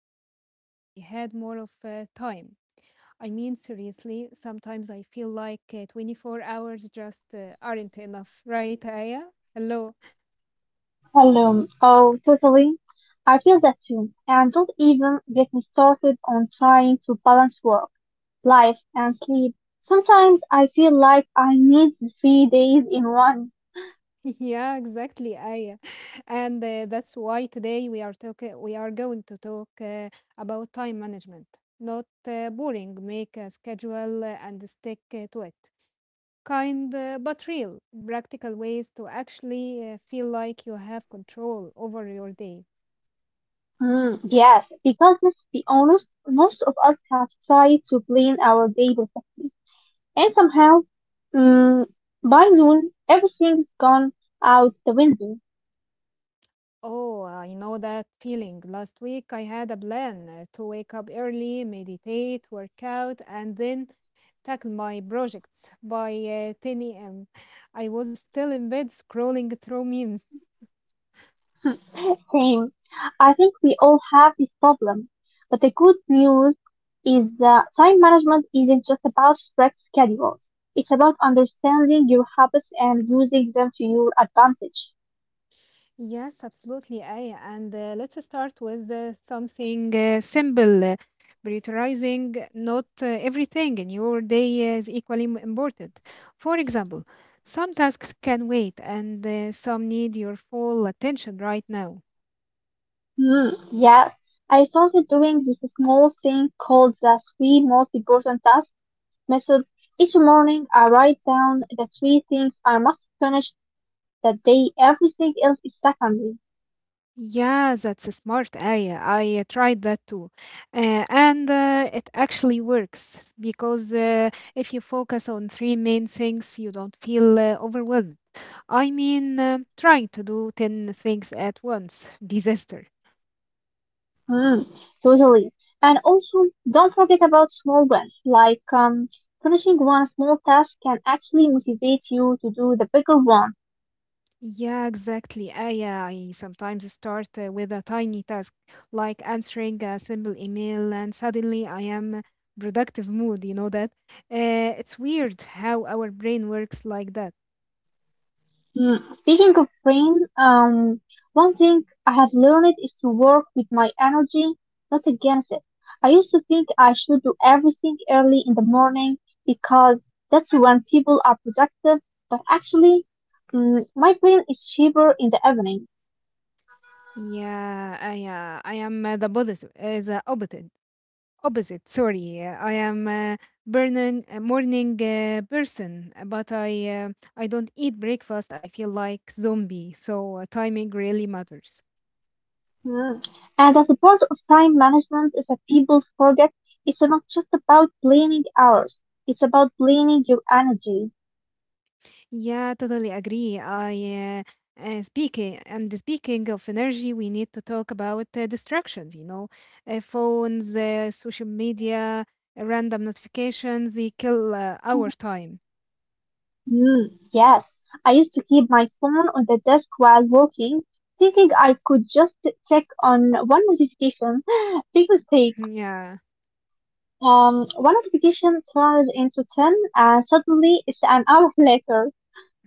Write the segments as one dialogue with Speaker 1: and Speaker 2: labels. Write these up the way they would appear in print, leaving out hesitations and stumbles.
Speaker 1: we all wish we had more of time. I mean, seriously, sometimes I feel like 24 hours just aren't enough, right, Aya? Hello.
Speaker 2: Hello. Oh, totally. I feel that too. And don't even get me started on trying to balance work, life, and sleep. Sometimes I feel like I need 3 days in one.
Speaker 1: Yeah, exactly, Aya. And That's why today we are talking. We are going to talk about time management. Not boring. Make a schedule and stick to it. Kind but real, practical ways to actually feel like you have control over your day.
Speaker 2: Yes, because let's be honest, most of us have tried to plan our day perfectly. And somehow, mm, by noon, everything's gone out the window.
Speaker 1: Oh, I know that feeling. Last week I had a plan to wake up early, meditate, work out, and then tackle my projects. By 10 a.m., I was still in bed scrolling through memes.
Speaker 2: Same. I think we all have this problem. But the good news is that time management isn't just about strict schedules. It's about understanding your habits and using them to your advantage.
Speaker 1: Yes, absolutely, Aya. And let's start with something simple. Prioritizing, not everything in your day is equally important. For example, some tasks can wait and some need your full attention right now.
Speaker 2: Hmm. Yes. I started doing this small thing called the three most important tasks method. Each morning, I write down the three things I must finish that day. Everything else is secondary.
Speaker 1: Yeah, that's a smart idea. I tried that too. And It actually works because if you focus on three main things, you don't feel overwhelmed. I mean, trying to do 10 things at once, disaster.
Speaker 2: Mm, Totally. And also, don't forget about small wins, like finishing one small task can actually motivate you to do the bigger one.
Speaker 1: Yeah, exactly. I sometimes start with a tiny task like answering a simple email, and suddenly I am productive mood. You know that? It's weird
Speaker 2: Mhm.
Speaker 1: how our brain works like that.
Speaker 2: Speaking of brain, one thing I have learned is to work with my energy, not against it. I used to think I should do everything early in the morning because that's when people are productive, but actually, my brain is cheaper in the evening.
Speaker 1: Yeah, I am the opposite, opposite. Sorry. I am a burning a morning person, but I don't eat breakfast. I feel like zombie. So timing really matters.
Speaker 2: Mm. And the support of time management is that people forget it's not just about planning hours, it's about planning your energy.
Speaker 1: Yeah, totally agree. I speaking of energy, we need to talk about distractions. You know, phones, social media, random notifications. They kill our
Speaker 2: Mhm.
Speaker 1: time.
Speaker 2: Yes I used to keep my phone on the desk while working, thinking I could just check on one notification. Big mistake.
Speaker 1: Yeah.
Speaker 2: One notification turns into 10, and suddenly it's an hour later.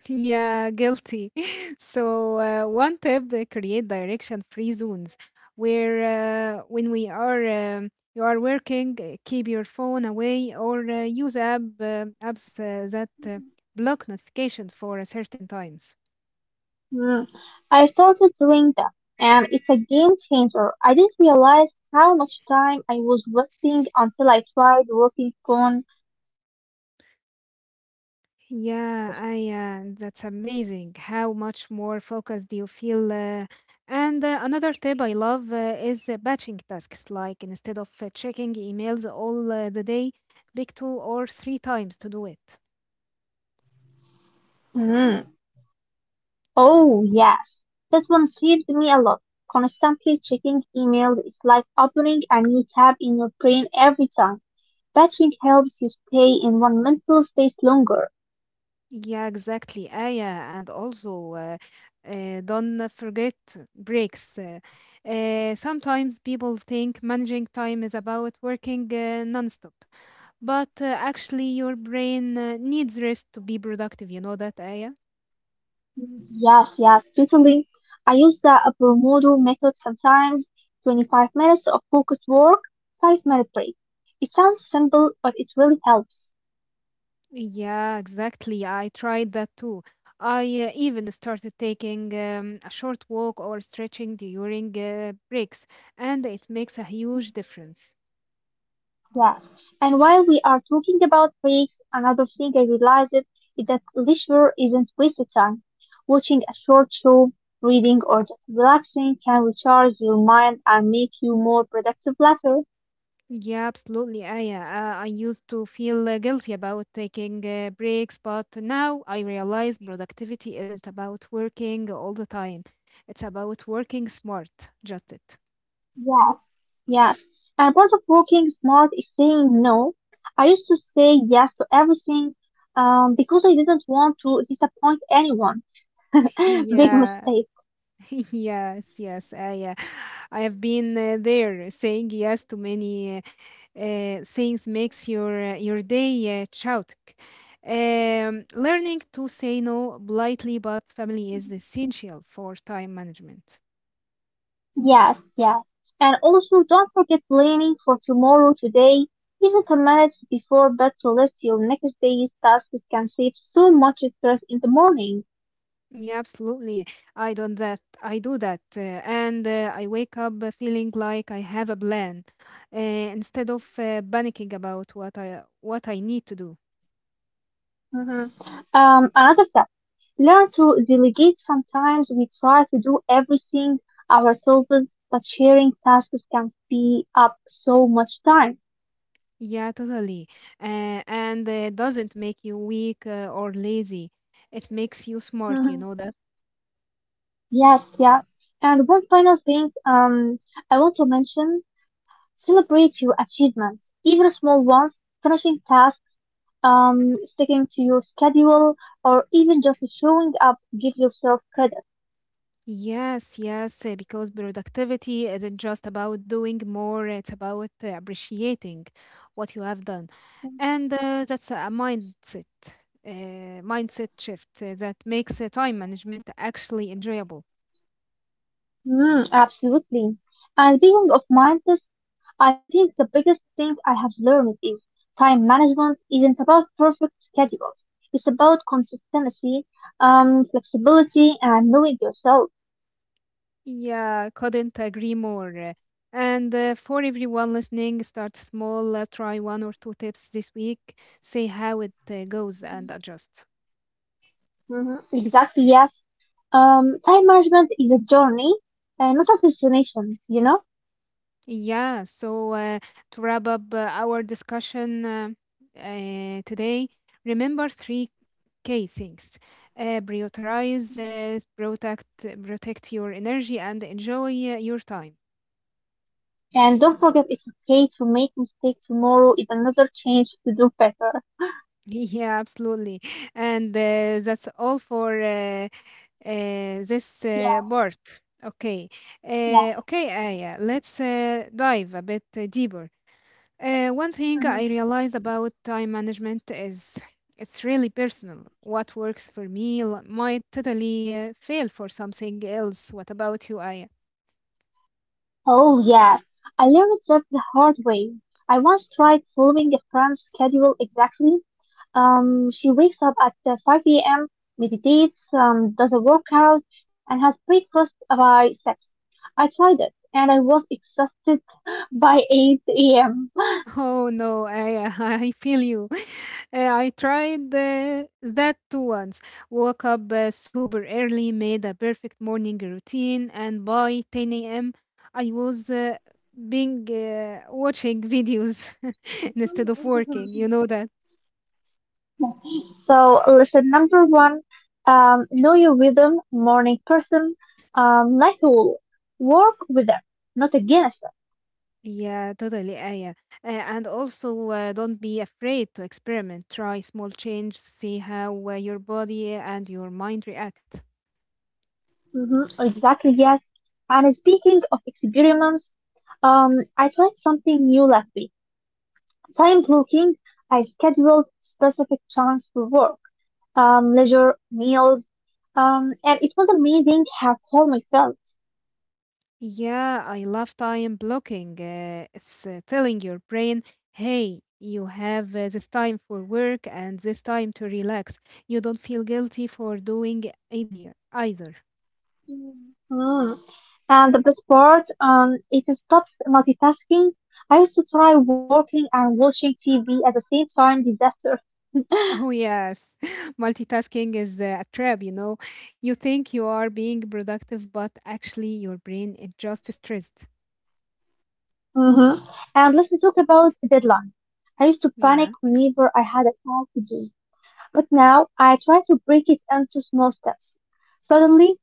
Speaker 1: Yeah, guilty. So, one tip, create direction free zones where when we are you are working. Keep your phone away or use apps that block notifications for a certain times.
Speaker 2: Mm, I started doing that, and it's a game changer. I didn't realize how much time I was wasting until I tried working phone free for just 2 hours.
Speaker 1: Yeah, I that's amazing how much more focused you feel. And Another tip I love is batching tasks. Like instead of checking emails all the day, pick two or three times to do it.
Speaker 2: Mm. Oh, yes. That one saved me a lot. Constantly checking emails is like opening a new tab in your brain every time. Batching helps you stay in one mental space longer.
Speaker 1: Yeah, exactly. Yeah, and also Don't forget breaks. Sometimes people think managing time is about working nonstop, but actually, your brain needs rest to be productive. You know that, Aya?
Speaker 2: Yes, yes, totally. I use the Pomodoro method sometimes, 25 minutes of focused work, 5-minute break. It sounds simple, but it really helps.
Speaker 1: Yeah, exactly. I tried that too. I even started taking a short walk or stretching during breaks, and it makes a huge difference.
Speaker 2: Yes. And while we are talking about breaks, another thing I realized is that leisure isn't wasted time. Watching a short show, reading, or just relaxing can recharge your mind and make you more productive later.
Speaker 1: Yeah, absolutely. I used to feel guilty about taking breaks, but now I realize productivity isn't about working all the time. It's about working smart. Just it.
Speaker 2: Yeah. Yes. And part of working smart is saying no. I used to say yes to everything because I didn't want to disappoint anyone. Big
Speaker 1: Yeah.
Speaker 2: mistake.
Speaker 1: Yes, yes. I have been there. Saying yes to many things makes your day chaotic. Learning to say no politely but family is essential for time management.
Speaker 2: Yes, yes. And also, don't forget planning for tomorrow, today, even 10 minutes before bed to list your next day's tasks can save so much stress in the morning.
Speaker 1: Yeah, absolutely. I do that, and I wake up feeling like I have a plan, instead of panicking about what I need to do.
Speaker 2: Mhm. Another step. Learn to delegate. Sometimes we try to do everything ourselves, but sharing tasks can be up so much time.
Speaker 1: Yeah, totally. And Doesn't make you weak or lazy. It makes you smart. You
Speaker 2: Mhm.
Speaker 1: know that.
Speaker 2: Yes, yeah. And one final thing, I want to mention, celebrate your achievements, even small ones, finishing tasks, um, sticking to your schedule, or even just showing up, give yourself credit.
Speaker 1: Yes, yes, because productivity isn't just about doing more, it's about appreciating what you have done. And that's a mindset, mindset shift that makes time management actually enjoyable.
Speaker 2: Absolutely. And being of mindset, I think the biggest thing I have learned is time management isn't about perfect schedules. It's about consistency, flexibility, and knowing yourself.
Speaker 1: Yeah, couldn't agree more. And For everyone listening, start small, try one or two tips this week, see how it goes, and adjust.
Speaker 2: Exactly, yes. Time management is a journey, not a destination, you know?
Speaker 1: Yeah, so to wrap up our discussion today, remember three key things. Prioritize, protect your energy, and enjoy your time.
Speaker 2: And don't forget it's okay to make mistakes tomorrow is another change to do better.
Speaker 1: Yeah, absolutely. And that's all for uh, this
Speaker 2: Yeah,
Speaker 1: part. Okay.
Speaker 2: yeah.
Speaker 1: Okay, Aya, let's dive a bit deeper. One thing I
Speaker 2: Mm-hmm.
Speaker 1: realize about time management is it's really personal. What works for me might totally fail for something else. What about you, Aya?
Speaker 2: Oh, yeah, I learned that the hard way. I once tried following a friend's schedule exactly. She wakes up at 5 a.m., meditates, does a workout, and has breakfast by 6. I tried it, and I was exhausted by 8 a.m.
Speaker 1: Oh no, Aya, I feel you. I tried that too once. Woke up super early, made a perfect morning routine, and by 10 a.m., I was being watching videos instead of working. You know that.
Speaker 2: So, lesson number one, know your rhythm, morning person, night owl. Work with them, not against
Speaker 1: Yeah, totally, Aya. And also, don't be afraid to experiment. Try small changes, see how your body and your mind react.
Speaker 2: exactly, yes. And speaking of experiments, I tried something new last week. Time blocking, I scheduled specific times for work, leisure, meals, and it was amazing how calm I felt.
Speaker 1: Yeah, I love time blocking. It's telling your brain, hey, you have this time for work and this time to relax. You don't feel guilty for doing either. Either.
Speaker 2: Mm. And the best part, it stops multitasking. I used to try working and watching TV at the same time, disaster.
Speaker 1: Oh, yes. Multitasking is a trap, you know. You think you are being productive, but actually your brain is just stressed.
Speaker 2: hmm And let's talk about deadlines. I used to panic
Speaker 1: Yeah.
Speaker 2: whenever I had a task to do. But now I try to break it into small steps. Suddenly,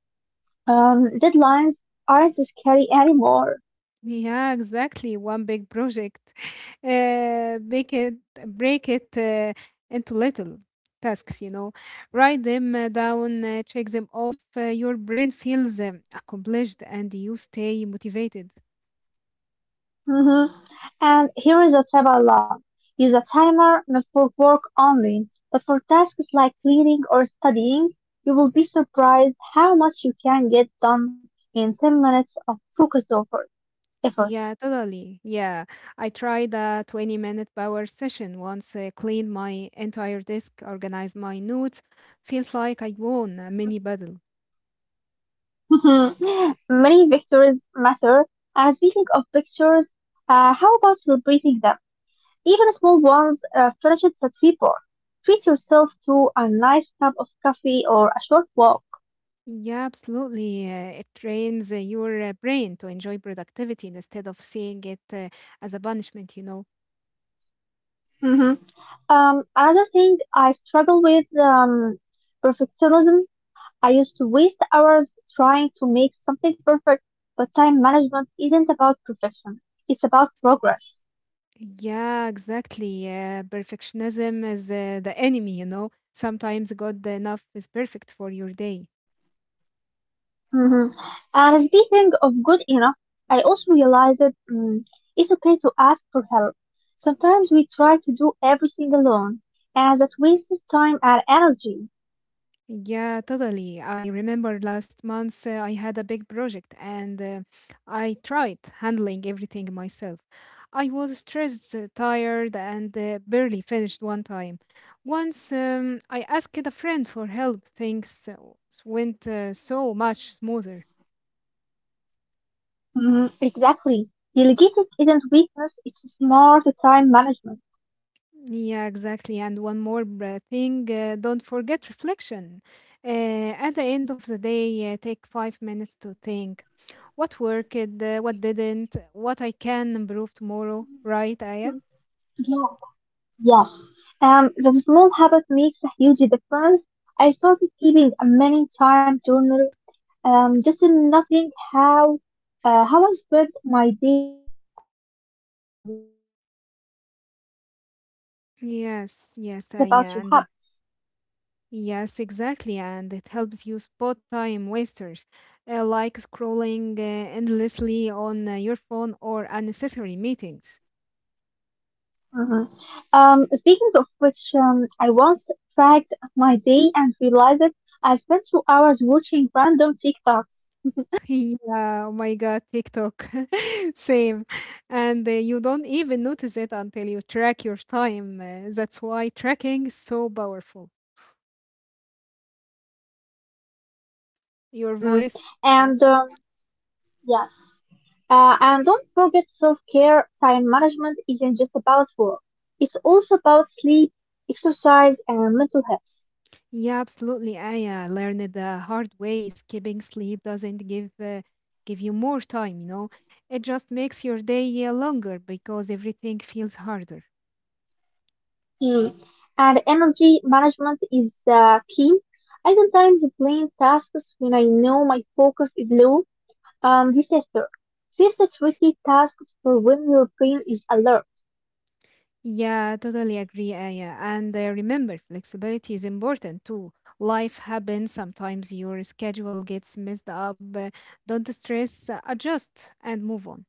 Speaker 2: deadlines aren't scary anymore.
Speaker 1: Yeah, exactly. One big project. Uh, make it, Break it into little tasks, you know. Write them down, check them off. Your brain feels accomplished and you stay motivated.
Speaker 2: hmm And here is a tip I love. Use a timer not for work only, but for tasks like cleaning or studying. You will be surprised how much you can get done in 10 minutes of focused effort.
Speaker 1: Yeah, totally. Yeah. I tried a 20-minute power session once, cleaned my entire desk, organized my notes. Felt like I won a
Speaker 2: Mhm.
Speaker 1: mini battle.
Speaker 2: Many victories matter. And speaking of victories, how about celebrating them? Even small ones finish it at 3 p.m. Treat yourself to a nice cup of coffee or a short walk.
Speaker 1: Yeah, absolutely. It trains your brain to enjoy productivity instead of seeing it as a punishment, you know.
Speaker 2: hmm Another thing I struggle with perfectionism. I used to waste hours trying to make something perfect, but time management isn't about perfection. It's about progress.
Speaker 1: Yeah, exactly. Perfectionism is the enemy, you know. Sometimes good enough is perfect for your day.
Speaker 2: Mhm. And speaking of good enough, I also realized that it's okay to ask for help. Sometimes we try to do everything alone, and that wastes time and energy.
Speaker 1: Yeah, totally. I remember last month I had a big project and I tried handling everything myself. I was stressed, tired, and barely finished one time. Once I asked a friend for help, things went so much smoother.
Speaker 2: Mhm. Exactly. Delegating isn't weakness, it's smart time management.
Speaker 1: Yeah, exactly. And one more thing, don't forget reflection. At the end of the day, take 5 minutes to think what worked, what didn't, what I can improve tomorrow, right, Aya?
Speaker 2: Mm, Yeah, yeah. The small habit makes a huge difference. I started keeping a many time journal. Just nothing how how I spread my day. Crazy how much you realize about your habits.
Speaker 1: Yes, yes, Aya. And yes, exactly. And it helps you spot time wasters like scrolling endlessly on your phone or unnecessary meetings.
Speaker 2: Mhm. Speaking of which, I once tracked my day and realized that I spent 2 hours watching random TikToks.
Speaker 1: Yeah, oh my God, TikTok. Same. And you don't even notice it until you track your time. That's why tracking is so powerful. Your
Speaker 2: Mm-mm.
Speaker 1: voice. Aya.
Speaker 2: And yes, and don't forget self-care. Time management isn't just about work; it's also about sleep, exercise, and mental health.
Speaker 1: Yeah, absolutely. I learned it the hard way. Skipping sleep doesn't give you more time, you know. It just makes your day longer because everything feels harder.
Speaker 2: Hmm. And energy management is the key. I sometimes blame tasks when I know my focus is low. This is fair. There's a tricky tasks for when your brain is alert.
Speaker 1: Yeah, totally agree, Aya. And remember, flexibility is important too. Life happens, sometimes your schedule gets messed up. Don't stress, adjust and move on.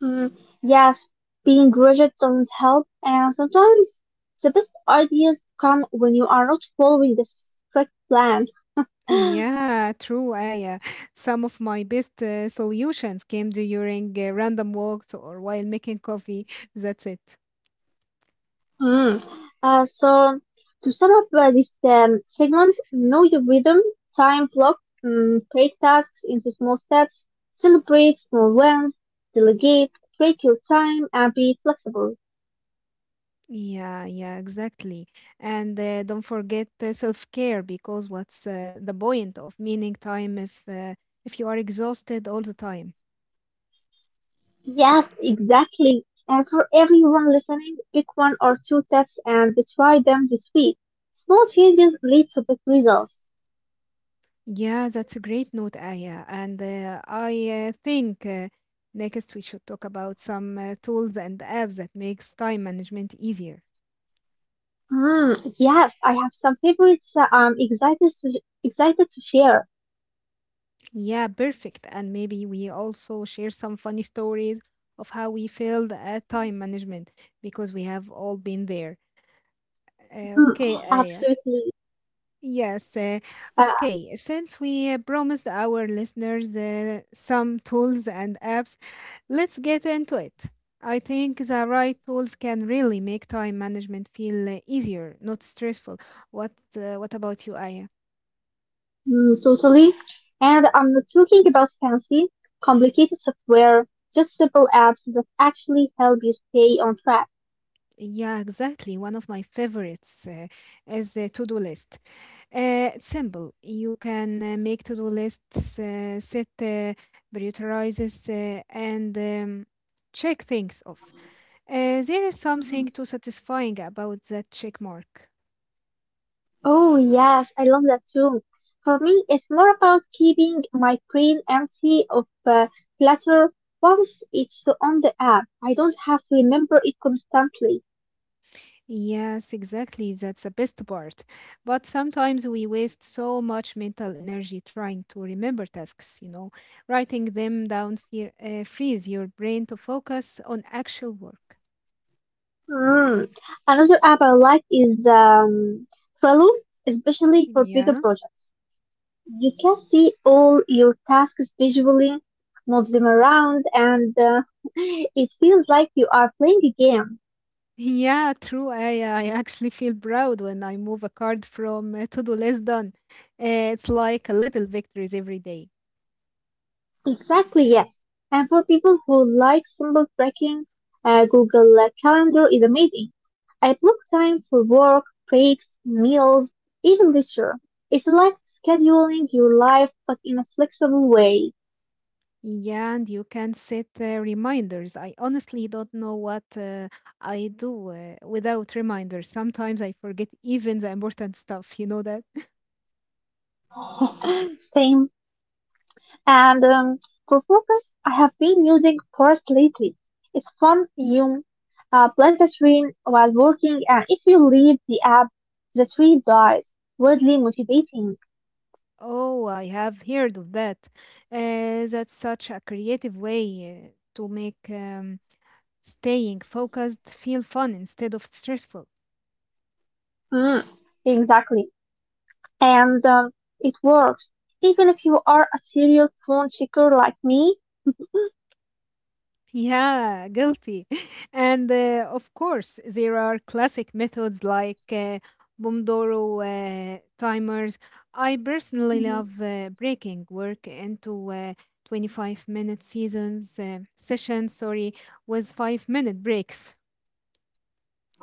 Speaker 2: Hmm. Yes, being rigid doesn't help, and sometimes the best ideas come when you are not following the strict plan.
Speaker 1: Yeah, true, Aya. Some of my best solutions came during random walks or while making coffee. That's it.
Speaker 2: Mm. So, to sum up this segment, know your rhythm, time block, break tasks into small steps, celebrate small wins, delegate, take your time, and be flexible.
Speaker 1: Yeah, yeah, exactly. And don't forget self-care because what's the point of meaning time if you are exhausted all the time?
Speaker 2: Yes, exactly. And for everyone listening, pick one or two tips and try them this week. Small changes lead to big results.
Speaker 1: Yeah, that's a great note, Aya. And I think next we should talk about some tools and apps that makes time management easier.
Speaker 2: Yes, I have some favorites I'm excited to share.
Speaker 1: Yeah, perfect. And maybe we also share some funny stories of how we failed at time management because we have all been there.
Speaker 2: Mm,
Speaker 1: Okay, Aya.
Speaker 2: Absolutely.
Speaker 1: Yes. Okay. Since we promised our listeners some tools and apps, let's get into it. I think the right tools can really make time management feel easier, not stressful. What about you, Aya?
Speaker 2: Totally. And I'm not talking about fancy, complicated software, just simple apps that actually help you stay on track.
Speaker 1: Yeah, exactly. One of my favorites is a to-do list. It's simple. You can make to-do lists, set prioritizes, and check things off. There is
Speaker 2: Mhm.
Speaker 1: something too satisfying about that check mark.
Speaker 2: Oh, yes, I love that too. For me, it's more about keeping my brain empty of clutter. Once it's on the app, I don't have to remember it constantly.
Speaker 1: Yes, exactly. That's the best part. But sometimes we waste so much mental energy trying to remember tasks, you know, writing them down fear, frees your brain to focus on actual work.
Speaker 2: Mm. Another app I like is Trello, especially for bigger
Speaker 1: Yeah.
Speaker 2: projects. You can see all your tasks visually, move them around, and it feels like you are playing a game.
Speaker 1: Yeah, true. I actually feel proud when I move a card from to-do list done. It's like a little victories every day.
Speaker 2: Exactly, yes. And for people who like symbol tracking, Google Calendar is amazing. I block time for work, breaks, meals, even leisure. It's like scheduling your life, but in a flexible way.
Speaker 1: Yeah, and you can set reminders. I honestly don't know what I do without reminders. Sometimes I forget even the important stuff, you know that?
Speaker 2: Same. And for focus, I have been using Forest lately. It's fun. You blend the screen while working, and if you leave the app, the tree dies. Weirdly motivating.
Speaker 1: Oh, I have heard of that. That's such a creative way to make staying focused feel fun instead of stressful.
Speaker 2: Mm, exactly. And it works. Even if you are a serial phone checker like me,
Speaker 1: Yeah, guilty. And of course, there are classic methods like Pomodoro timers. I personally
Speaker 2: Mhm.
Speaker 1: love breaking work into 25 minute sessions, sorry, with 5 minute breaks.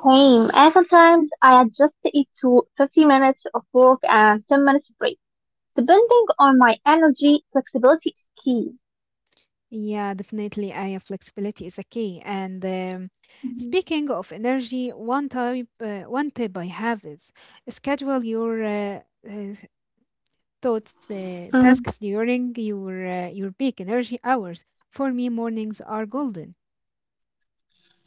Speaker 2: same. And sometimes I adjust it to 50 minutes of work and 10 minutes break. Depending on my energy, flexibility is key.
Speaker 1: Yeah, definitely. I flexibility is a key. And Speaking of energy, one tip I have is schedule your uh, thoughts
Speaker 2: Mhm.
Speaker 1: tasks during your peak energy hours. For me, mornings are golden.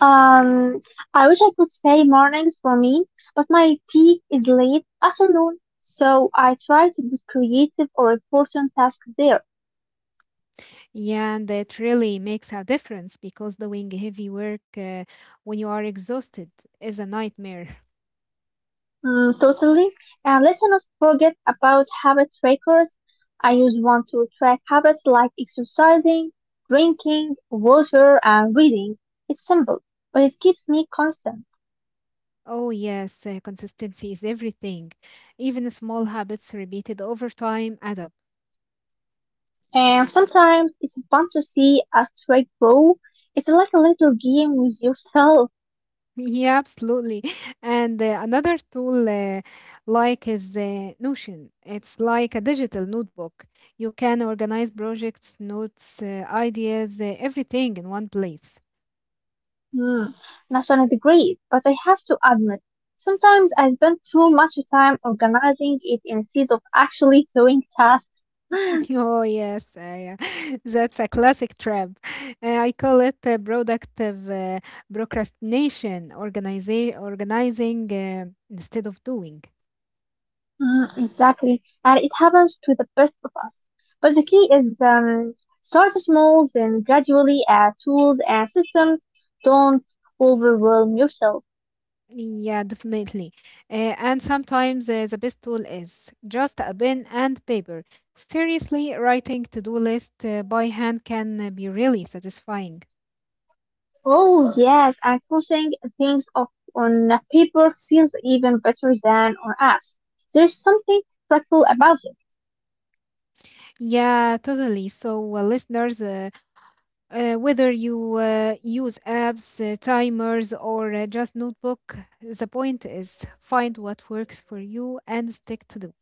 Speaker 2: Um, I wish I could say mornings for me, but my peak is late afternoon, so I try to be creative or important tasks there.
Speaker 1: Yeah, and it really makes a difference because doing heavy work when you are exhausted is a nightmare.
Speaker 2: Totally. And let's not forget about habit trackers. I use one to track habits like exercising, drinking water, and reading. It's simple, but it keeps me constant.
Speaker 1: Oh, yes, consistency is everything. Even small habits repeated over time add up.
Speaker 2: And sometimes it's fun to see a streak grow. It's like a little game with yourself.
Speaker 1: Yeah, absolutely. And another tool is Notion. It's like a digital notebook. You can organize projects, notes, ideas, everything in one place.
Speaker 2: Hmm, National degree, but I have to admit, sometimes I spend too much time organizing it instead of actually doing tasks.
Speaker 1: Oh, yes, yeah. That's a classic trap. I call it productive procrastination, organize organizing instead of doing.
Speaker 2: Hmm, exactly, and it happens to the best of us. But the key is start small, then gradually add tools and systems. Don't overwhelm yourself.
Speaker 1: Yeah, definitely. And sometimes the best tool is just a pen and paper. Seriously, writing to-do list by hand can be really satisfying.
Speaker 2: Oh yes, and crossing things off on paper feels even better than on apps. There is something practical about it.
Speaker 1: Yeah, totally. So, listeners, whether you use apps, timers, or just notebook, the point is find what works for you and stick to the.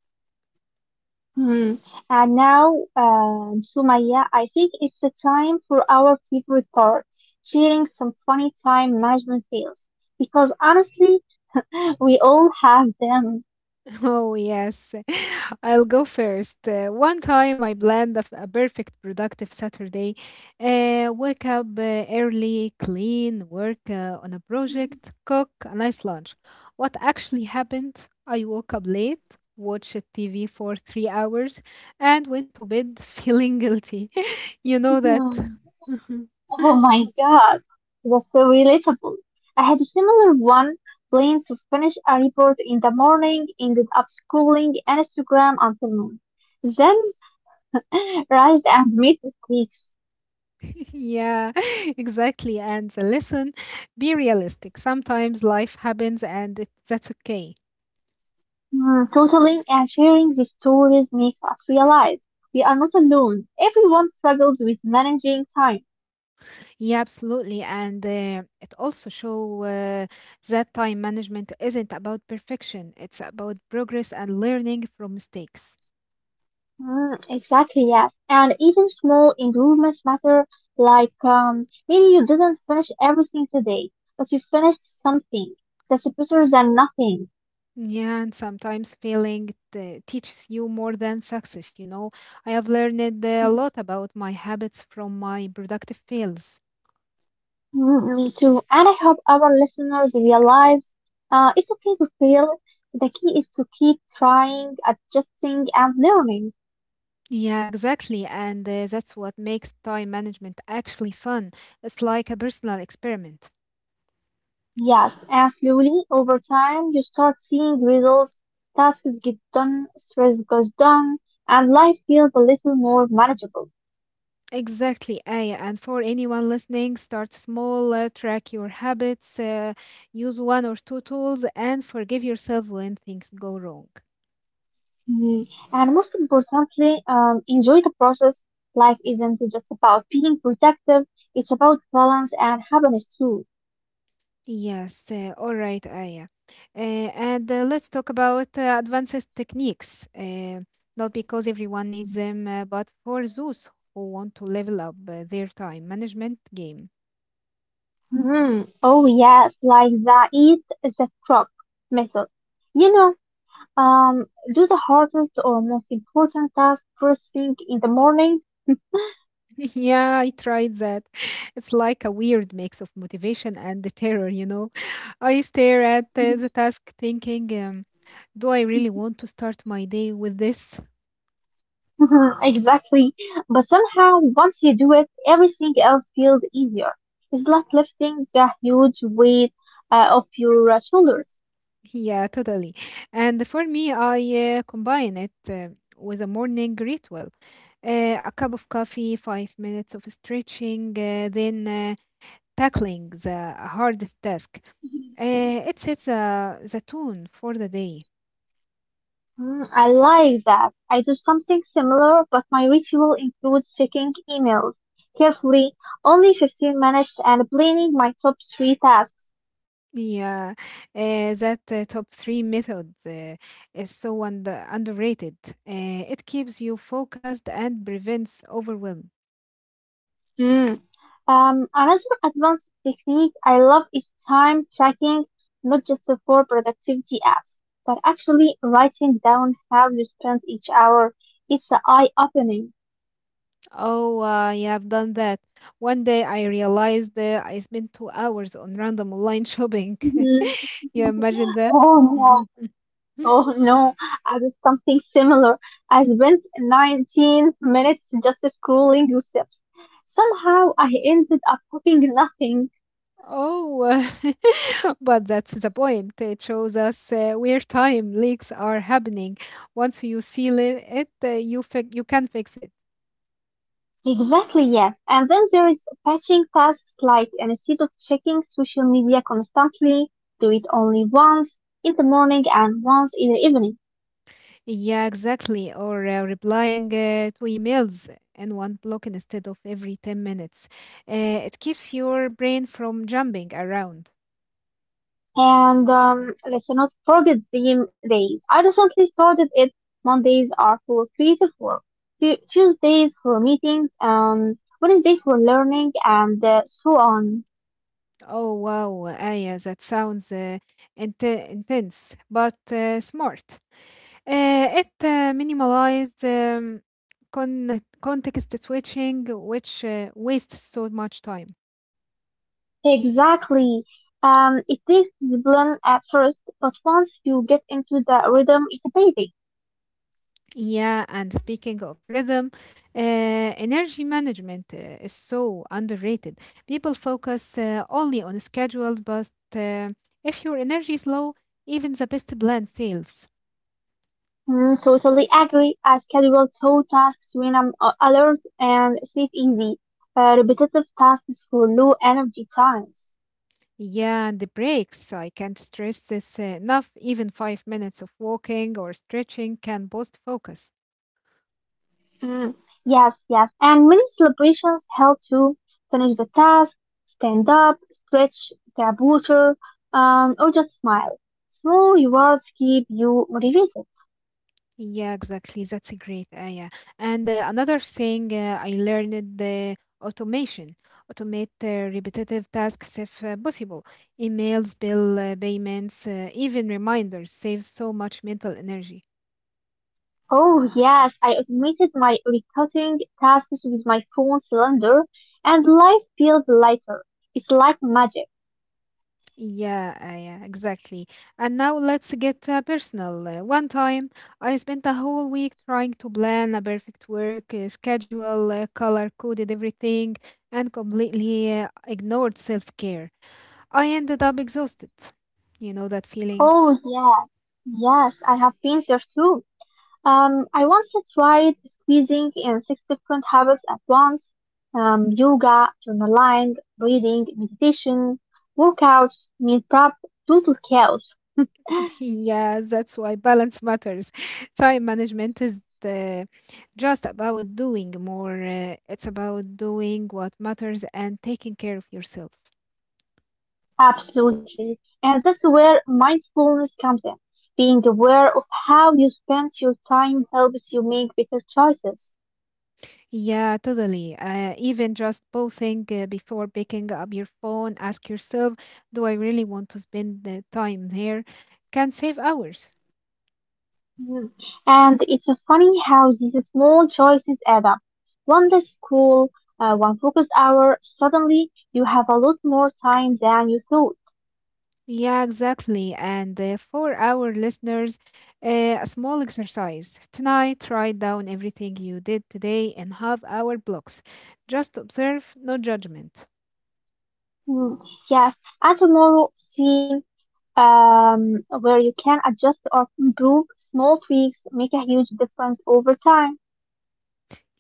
Speaker 2: Hmm. And now, Sumaya, I think it's the time for our favorite part, sharing some funny time management fails. Because honestly, we all have them.
Speaker 1: Oh, yes. I'll go first. One time I planned a perfect productive Saturday. Wake up early, clean, work on a project, cook a nice lunch. What actually happened? I woke up late, watched TV for 3 hours, and went to bed feeling guilty. You know that.
Speaker 2: Hmm. Oh my God, that's so relatable. I had a similar one, planned to finish a report in the morning, ended up scrolling Instagram until noon. Then, rushed and made mistakes.
Speaker 1: Yeah, exactly. And the lesson, be realistic. Sometimes life happens that's okay.
Speaker 2: Totaling and sharing these stories makes us realize we are not alone. Everyone struggles with managing time.
Speaker 1: Yeah, absolutely. And it also show that time management isn't about perfection. It's about progress and learning from mistakes.
Speaker 2: Exactly, yes. And even small improvements matter, like maybe you didn't finish everything today, but you finished something. That's better than nothing.
Speaker 1: Yeah, and sometimes teaches you more than success, you know. I have learned a lot about my habits from my productive fails.
Speaker 2: Me too. And I hope our listeners realize it's okay to fail. The key is to keep trying, adjusting, and learning.
Speaker 1: Yeah, exactly. And that's what makes time management actually fun. It's like a personal experiment.
Speaker 2: Yes, and slowly over time you start seeing results, tasks get done, stress goes down, and life feels a little more manageable.
Speaker 1: Exactly, Aya. And for anyone listening, start small, track your habits, use one or two tools, and forgive yourself when things go wrong.
Speaker 2: Mm. And most importantly, enjoy the process. Life isn't just about being productive, it's about balance and happiness too.
Speaker 1: Yes, all right, Aya. And Let's talk about advanced techniques. Not because everyone needs them, but for those who want to level up their time management game.
Speaker 2: Mhm. Oh yes, like the eat the frog method. You know, um, do the hardest or most important task first thing in the morning.
Speaker 1: Yeah, I tried that. It's like a weird mix of motivation and the terror, you know. I stare at the task thinking, do I really want to start my day with this?
Speaker 2: Mhm, exactly. But somehow, once you do it, everything else feels easier. It's like lifting the huge weight off your shoulders.
Speaker 1: Yeah, totally. And for me, I combine it with a morning ritual. A cup of coffee, 5 minutes of stretching, then tackling the hardest task.
Speaker 2: Mhm.
Speaker 1: It sets the tone for the day.
Speaker 2: Mm, I like that. I do something similar, but my ritual includes checking emails carefully, only 15 minutes, and planning my top three tasks.
Speaker 1: Yeah, that top three method is so underrated. It keeps you focused and prevents overwhelm.
Speaker 2: Mm. Another advanced technique I love is time tracking, not just for productivity apps, but actually writing down how you spent each hour. It's eye-opening.
Speaker 1: Oh, yeah, I've done that. One day I realized I spent 2 hours on random online shopping. You imagine that?
Speaker 2: Oh no, oh no, I did something similar. I spent 19 minutes just scrolling receipts. Somehow I ended up cooking nothing.
Speaker 1: Oh, but that's the point. It shows us where time leaks are happening. Once you seal it, you can fix it.
Speaker 2: Exactly, yes. And then there is batching tasks, like instead of checking social media constantly, do it only once in the morning and once in the evening.
Speaker 1: Yeah, exactly. Or replying to emails in one block instead of every 10 minutes. It keeps your brain from jumping around.
Speaker 2: And let's not forget theme days. I recently started it. Mondays are for creative work, Tuesdays for meetings, Wednesday for learning, and so on.
Speaker 1: Oh, wow, Aya, that sounds intense, but smart. It minimalize context switching, which wastes so much time.
Speaker 2: Exactly. It takes discipline at first, but once you get into the rhythm, it's amazing.
Speaker 1: Yeah, and speaking of rhythm, energy management is so underrated. People focus only on schedules, but uh, if your energy is low, even the best plan fails.
Speaker 2: Mm, totally agree. I schedule two tasks when I'm alert and sleep easy. Repetitive tasks for low energy times.
Speaker 1: Yeah, and the breaks, I can't stress this enough. Even 5 minutes of walking or stretching can boost focus.
Speaker 2: Mm, yes, yes. And many celebrations help to finish the task, stand up, stretch the water, or just smile. Small rewards keep you motivated.
Speaker 1: Yeah, exactly. That's a great idea. And another thing I learned the automation. Automate repetitive tasks if possible. Emails, bill payments, even reminders save so much mental energy.
Speaker 2: Oh yes, I automated my recurring tasks with my phone calendar, and life feels lighter. It's like magic.
Speaker 1: Yeah, exactly. And now let's get personal. One time, I spent a whole week trying to plan a perfect work schedule, color coded everything, and completely ignored self care. I ended up exhausted. You know that feeling?
Speaker 2: Oh yeah, yes, I have been there too. I once tried squeezing in six different habits at once. Yoga, journaling, reading, meditation, workouts, meal prep, total chaos.
Speaker 1: Yeah, that's why balance matters. Time management is just about doing more. It's about doing what matters and taking care of yourself.
Speaker 2: Absolutely. And that's where mindfulness comes in. Being aware of how you spend your time helps you make better choices.
Speaker 1: Yeah, totally. Even just pausing before picking up your phone, ask yourself, do I really want to spend the time here? Can save hours.
Speaker 2: Mm. And it's funny how these small choices add up. One less school, one focused hour, suddenly you have a lot more time than you thought.
Speaker 1: Yeah, exactly. And for our listeners, a small exercise. Tonight, write down everything you did today in half hour blocks. Just observe, no judgment.
Speaker 2: Mm. Yes, and tomorrow scene where you can adjust or improve, small tweaks make a huge difference over time.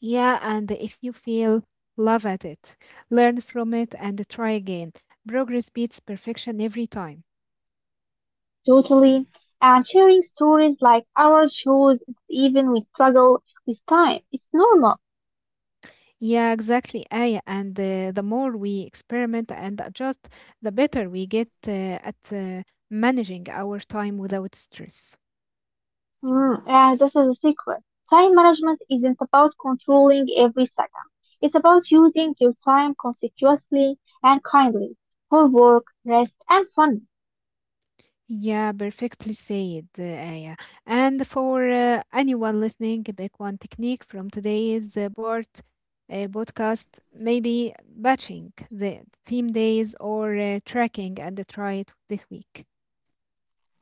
Speaker 1: Yeah, and if you feel, love at it. Learn from it and try again. Progress beats perfection every time.
Speaker 2: Totally. And sharing stories like ours shows even we struggle with time. It's normal.
Speaker 1: Yeah, exactly, Aya. And the more we experiment and adjust, the better we get at managing our time without stress.
Speaker 2: Mm, yeah, this is a secret. Time management isn't about controlling every second. It's about using your time consecutively and kindly for work, rest, and fun.
Speaker 1: Yeah, perfectly said, Aya. And for anyone listening, back one technique from today's podcast, maybe batching the theme days or tracking, and try it this week.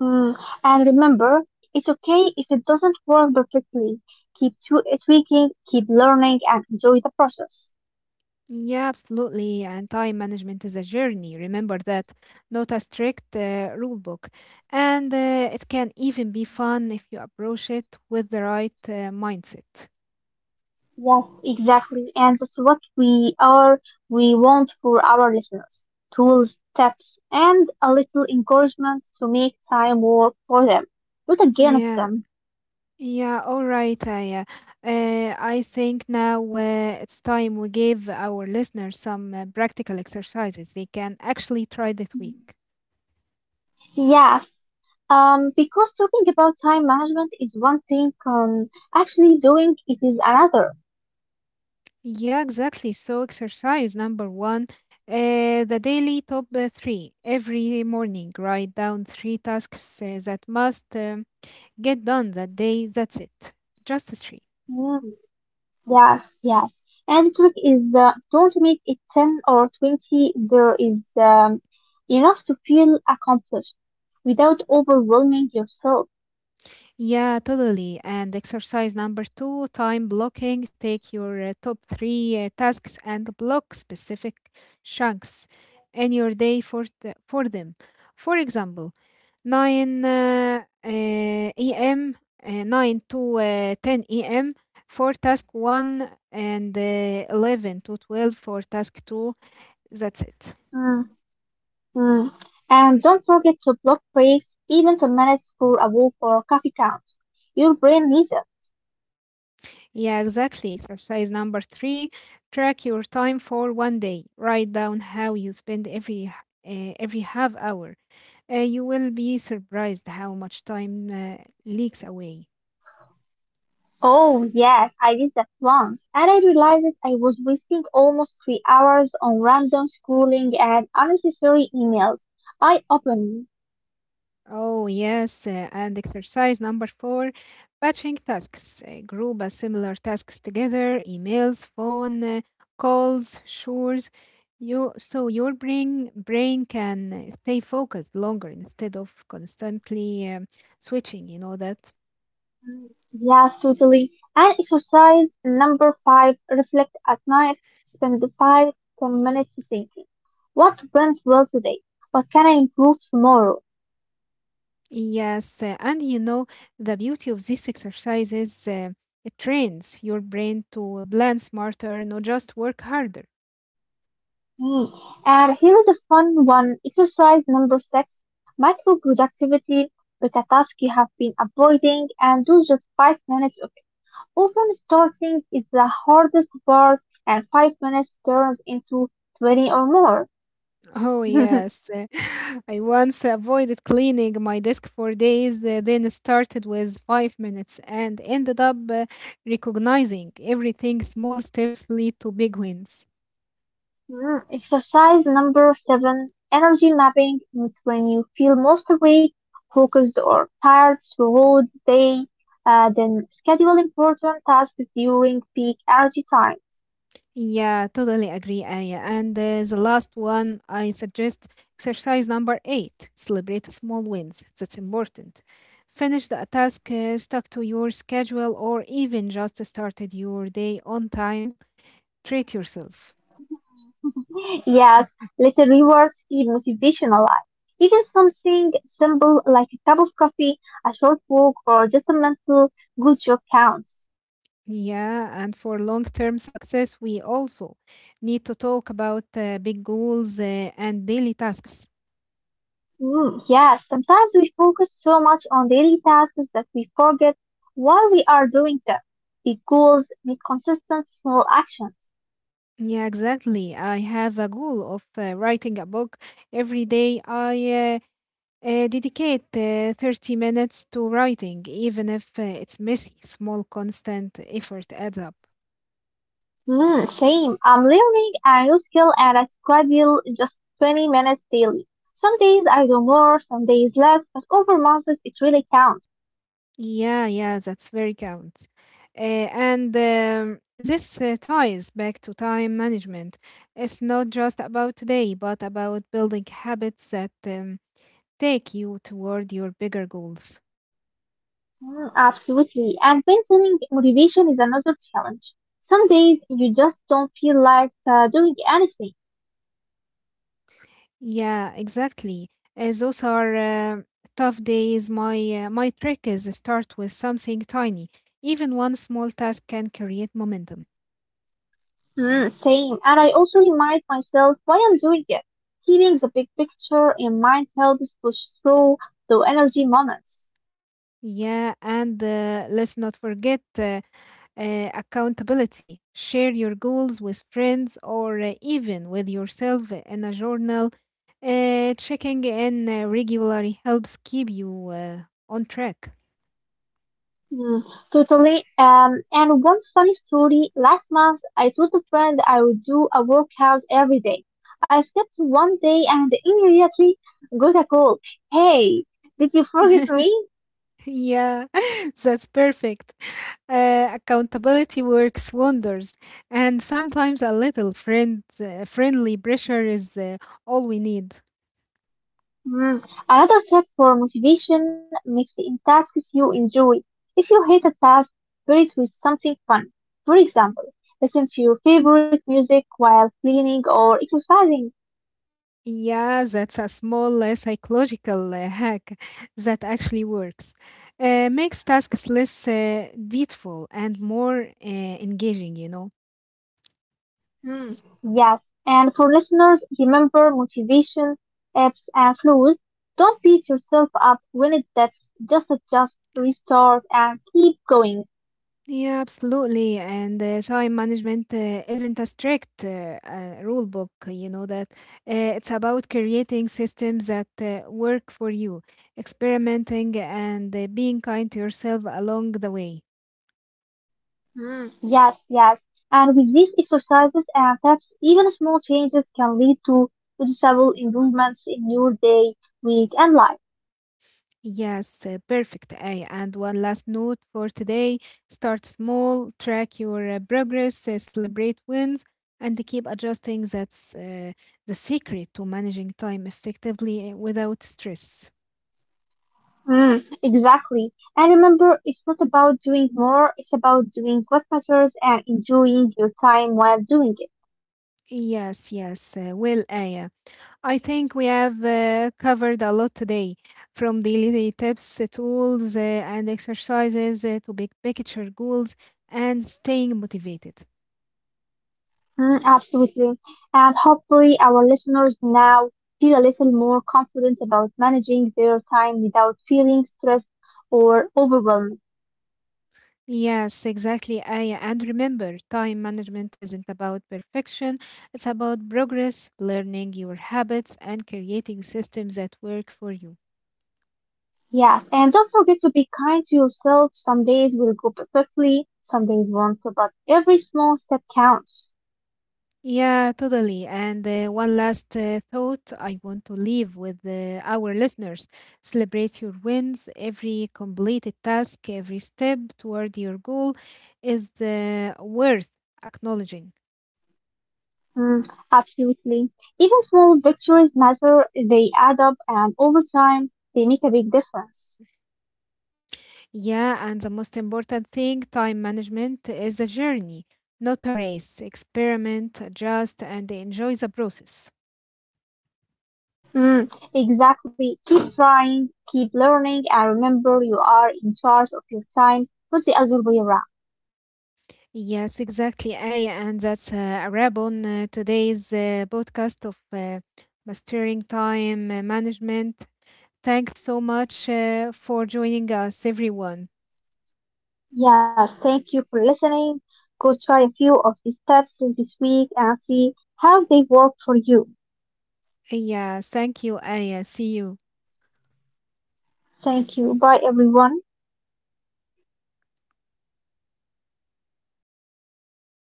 Speaker 2: Mm, and remember, it's okay if it doesn't work perfectly. Keep tweaking, keep learning, and enjoy the process.
Speaker 1: Yeah, absolutely. And time management is a journey. Remember that. Not a strict rule book. And it can even be fun if you approach it with the right mindset.
Speaker 2: Yes, exactly. And that's what we want for our listeners. Tools, tips, and a little encouragement to make time work for them, not against
Speaker 1: Yeah.
Speaker 2: them.
Speaker 1: Yeah, all right, Aya. I think now it's time we give our listeners some practical exercises they can actually try this week.
Speaker 2: Yes. Because talking about time management is one thing, actually doing it is another.
Speaker 1: Yeah, exactly. So, exercise number one, the daily top three. Every morning, write down three tasks that must get done that day. That's it. Just three.
Speaker 2: Hmm. Yes, yes. And the trick is, don't make it 10 or 20. There is enough to feel accomplished without overwhelming yourself.
Speaker 1: Yeah, totally. And exercise number two, time blocking. Take your top three tasks and block specific chunks in your day for them. For example, 9 uh, uh, a.m., 9 to 10 a.m. for task 1, and 11 to 12 for task 2. That's it.
Speaker 2: Mm, mm. And don't forget to block breaks, even 10 minutes for a walk or coffee count. Your brain needs it.
Speaker 1: Yeah, exactly. Exercise number three, track your time for one day. Write down how you spend every half hour. You will be surprised how much time leaks away.
Speaker 2: Oh, yes, I did that once. And I realized that I was wasting almost 3 hours on random scrolling and unnecessary emails. I opened.
Speaker 1: Oh, yes. And exercise number four, batching tasks. Group similar tasks together, emails, phone calls, chores. You, so your brain can stay focused longer instead of constantly switching, you know that?
Speaker 2: Mm, yes, totally. And exercise number five, reflect at night. Spend five, 10 minutes thinking. What went well today? What can I improve tomorrow?
Speaker 1: Yes. And you know, the beauty of this exercise is it trains your brain to plan smarter, not just work harder.
Speaker 2: Hmm. And here is a fun one. Exercise number six, micro productivity with a task you have been avoiding, and do just 5 minutes of it. Often starting is the hardest part, and 5 minutes turns into 20 or more.
Speaker 1: Oh, yes. I once avoided cleaning my desk for days, then started with 5 minutes and ended up recognizing everything. Small steps lead to big wins.
Speaker 2: Mm. Exercise number seven, energy mapping, means when you feel most awake, focused or tired throughout the day, then schedule important tasks during peak energy time.
Speaker 1: Yeah, totally agree, Aya. And the last one I suggest, exercise number eight, celebrate small wins. That's important. Finish the task, stuck to your schedule, or even just started your day on time. Treat yourself.
Speaker 2: Yes, little rewards keep motivation alive. Even something simple like a cup of coffee, a short walk, or just a mental good job counts.
Speaker 1: Yeah, and for long-term success, we also need to talk about big goals and daily tasks.
Speaker 2: Mm, yes, sometimes we focus so much on daily tasks that we forget why we are doing them. Big goals need consistent small actions.
Speaker 1: Yeah, exactly. I have a goal of writing a book. Every day I dedicate 30 minutes to writing, even if it's messy. Small, constant effort adds up.
Speaker 2: Mm, same. I'm learning a new skill and I schedule just 20 minutes daily. Some days I do more, some days less, but over months it really counts.
Speaker 1: Yeah, yeah, that's very count. Uh, and This ties back to time management. It's not just about today, but about building habits that take you toward your bigger goals.
Speaker 2: Mm, absolutely. And maintaining motivation is another challenge. Some days you just don't feel like doing anything.
Speaker 1: Yeah, exactly. Those are tough days. My trick is start with something tiny. Even one small task can create momentum.
Speaker 2: Mm, same. And I also remind myself why I'm doing it. Keeping the big picture in mind helps push through the energy moments.
Speaker 1: Yeah, and let's not forget. Accountability. Share your goals with friends or even with yourself in a journal. Checking in regularly helps keep you on track.
Speaker 2: Mm, totally. And one funny story. Last month, I told a friend I would do a workout every day. I skipped one day and immediately got a call. Hey, did you forget me?
Speaker 1: Yeah, that's perfect. Accountability works wonders, and sometimes a little friendly pressure is all we need.
Speaker 2: Mm. Another tip for motivation, mix in tasks you enjoy. If you hate a task, pair it with something fun. For example, listen to your favorite music while cleaning or exercising.
Speaker 1: Yeah, that's a small psychological hack that actually works. Makes tasks less detailful and more engaging, you know.
Speaker 2: Mm. Yes, and for listeners, remember, motivation ebbs and flows. Don't beat yourself up when it dips. Just adjust, restart, and keep going.
Speaker 1: Yeah, absolutely. And time management isn't a strict rule book, you know that. It's about creating systems that work for you, experimenting, and being kind to yourself along the way.
Speaker 2: Mm, yes, yes. And with these exercises and tips, even small changes can lead to noticeable improvements in your day, week, and life.
Speaker 1: Yes, perfect, Aya. And one last note for today, start small, track your progress, celebrate wins, and keep adjusting. That's the secret to managing time effectively without stress.
Speaker 2: Mm, exactly. And remember, it's not about doing more, it's about doing what matters and enjoying your time while doing it.
Speaker 1: Yes, yes. Well, Aya, I think we have covered a lot today, from daily tips, tools, and exercises to big picture goals and staying motivated.
Speaker 2: Mm, absolutely. And hopefully, our listeners now feel a little more confident about managing their time without feeling stressed or overwhelmed.
Speaker 1: Yes, exactly, Aya. And remember, time management isn't about perfection, it's about progress, learning your habits, and creating systems that work for you.
Speaker 2: Yes, and don't forget to be kind to yourself. Some days will go perfectly, some days won't, but every small step counts.
Speaker 1: Yeah, totally. And one last thought I want to leave with our listeners, celebrate your wins. Every completed task, every step toward your goal is worth acknowledging.
Speaker 2: Mm, absolutely. Even small victories matter, they add up, and over time, they make a big difference.
Speaker 1: Yeah, and the most important thing, time management is a journey, not a race. Experiment, adjust, and enjoy the process.
Speaker 2: Mm, exactly. Keep trying, keep learning, and remember, you are in charge of your time, not the other way around.
Speaker 1: Yes, exactly, Aya, and that's a wrap on today's podcast of Mastering Time Management. Thanks so much for joining us, everyone.
Speaker 2: Yes, thank you for listening. Go try a few of these steps this week and see how they work for you.
Speaker 1: Yeah, thank you, Aya. See you.
Speaker 2: Thank you. Bye, everyone.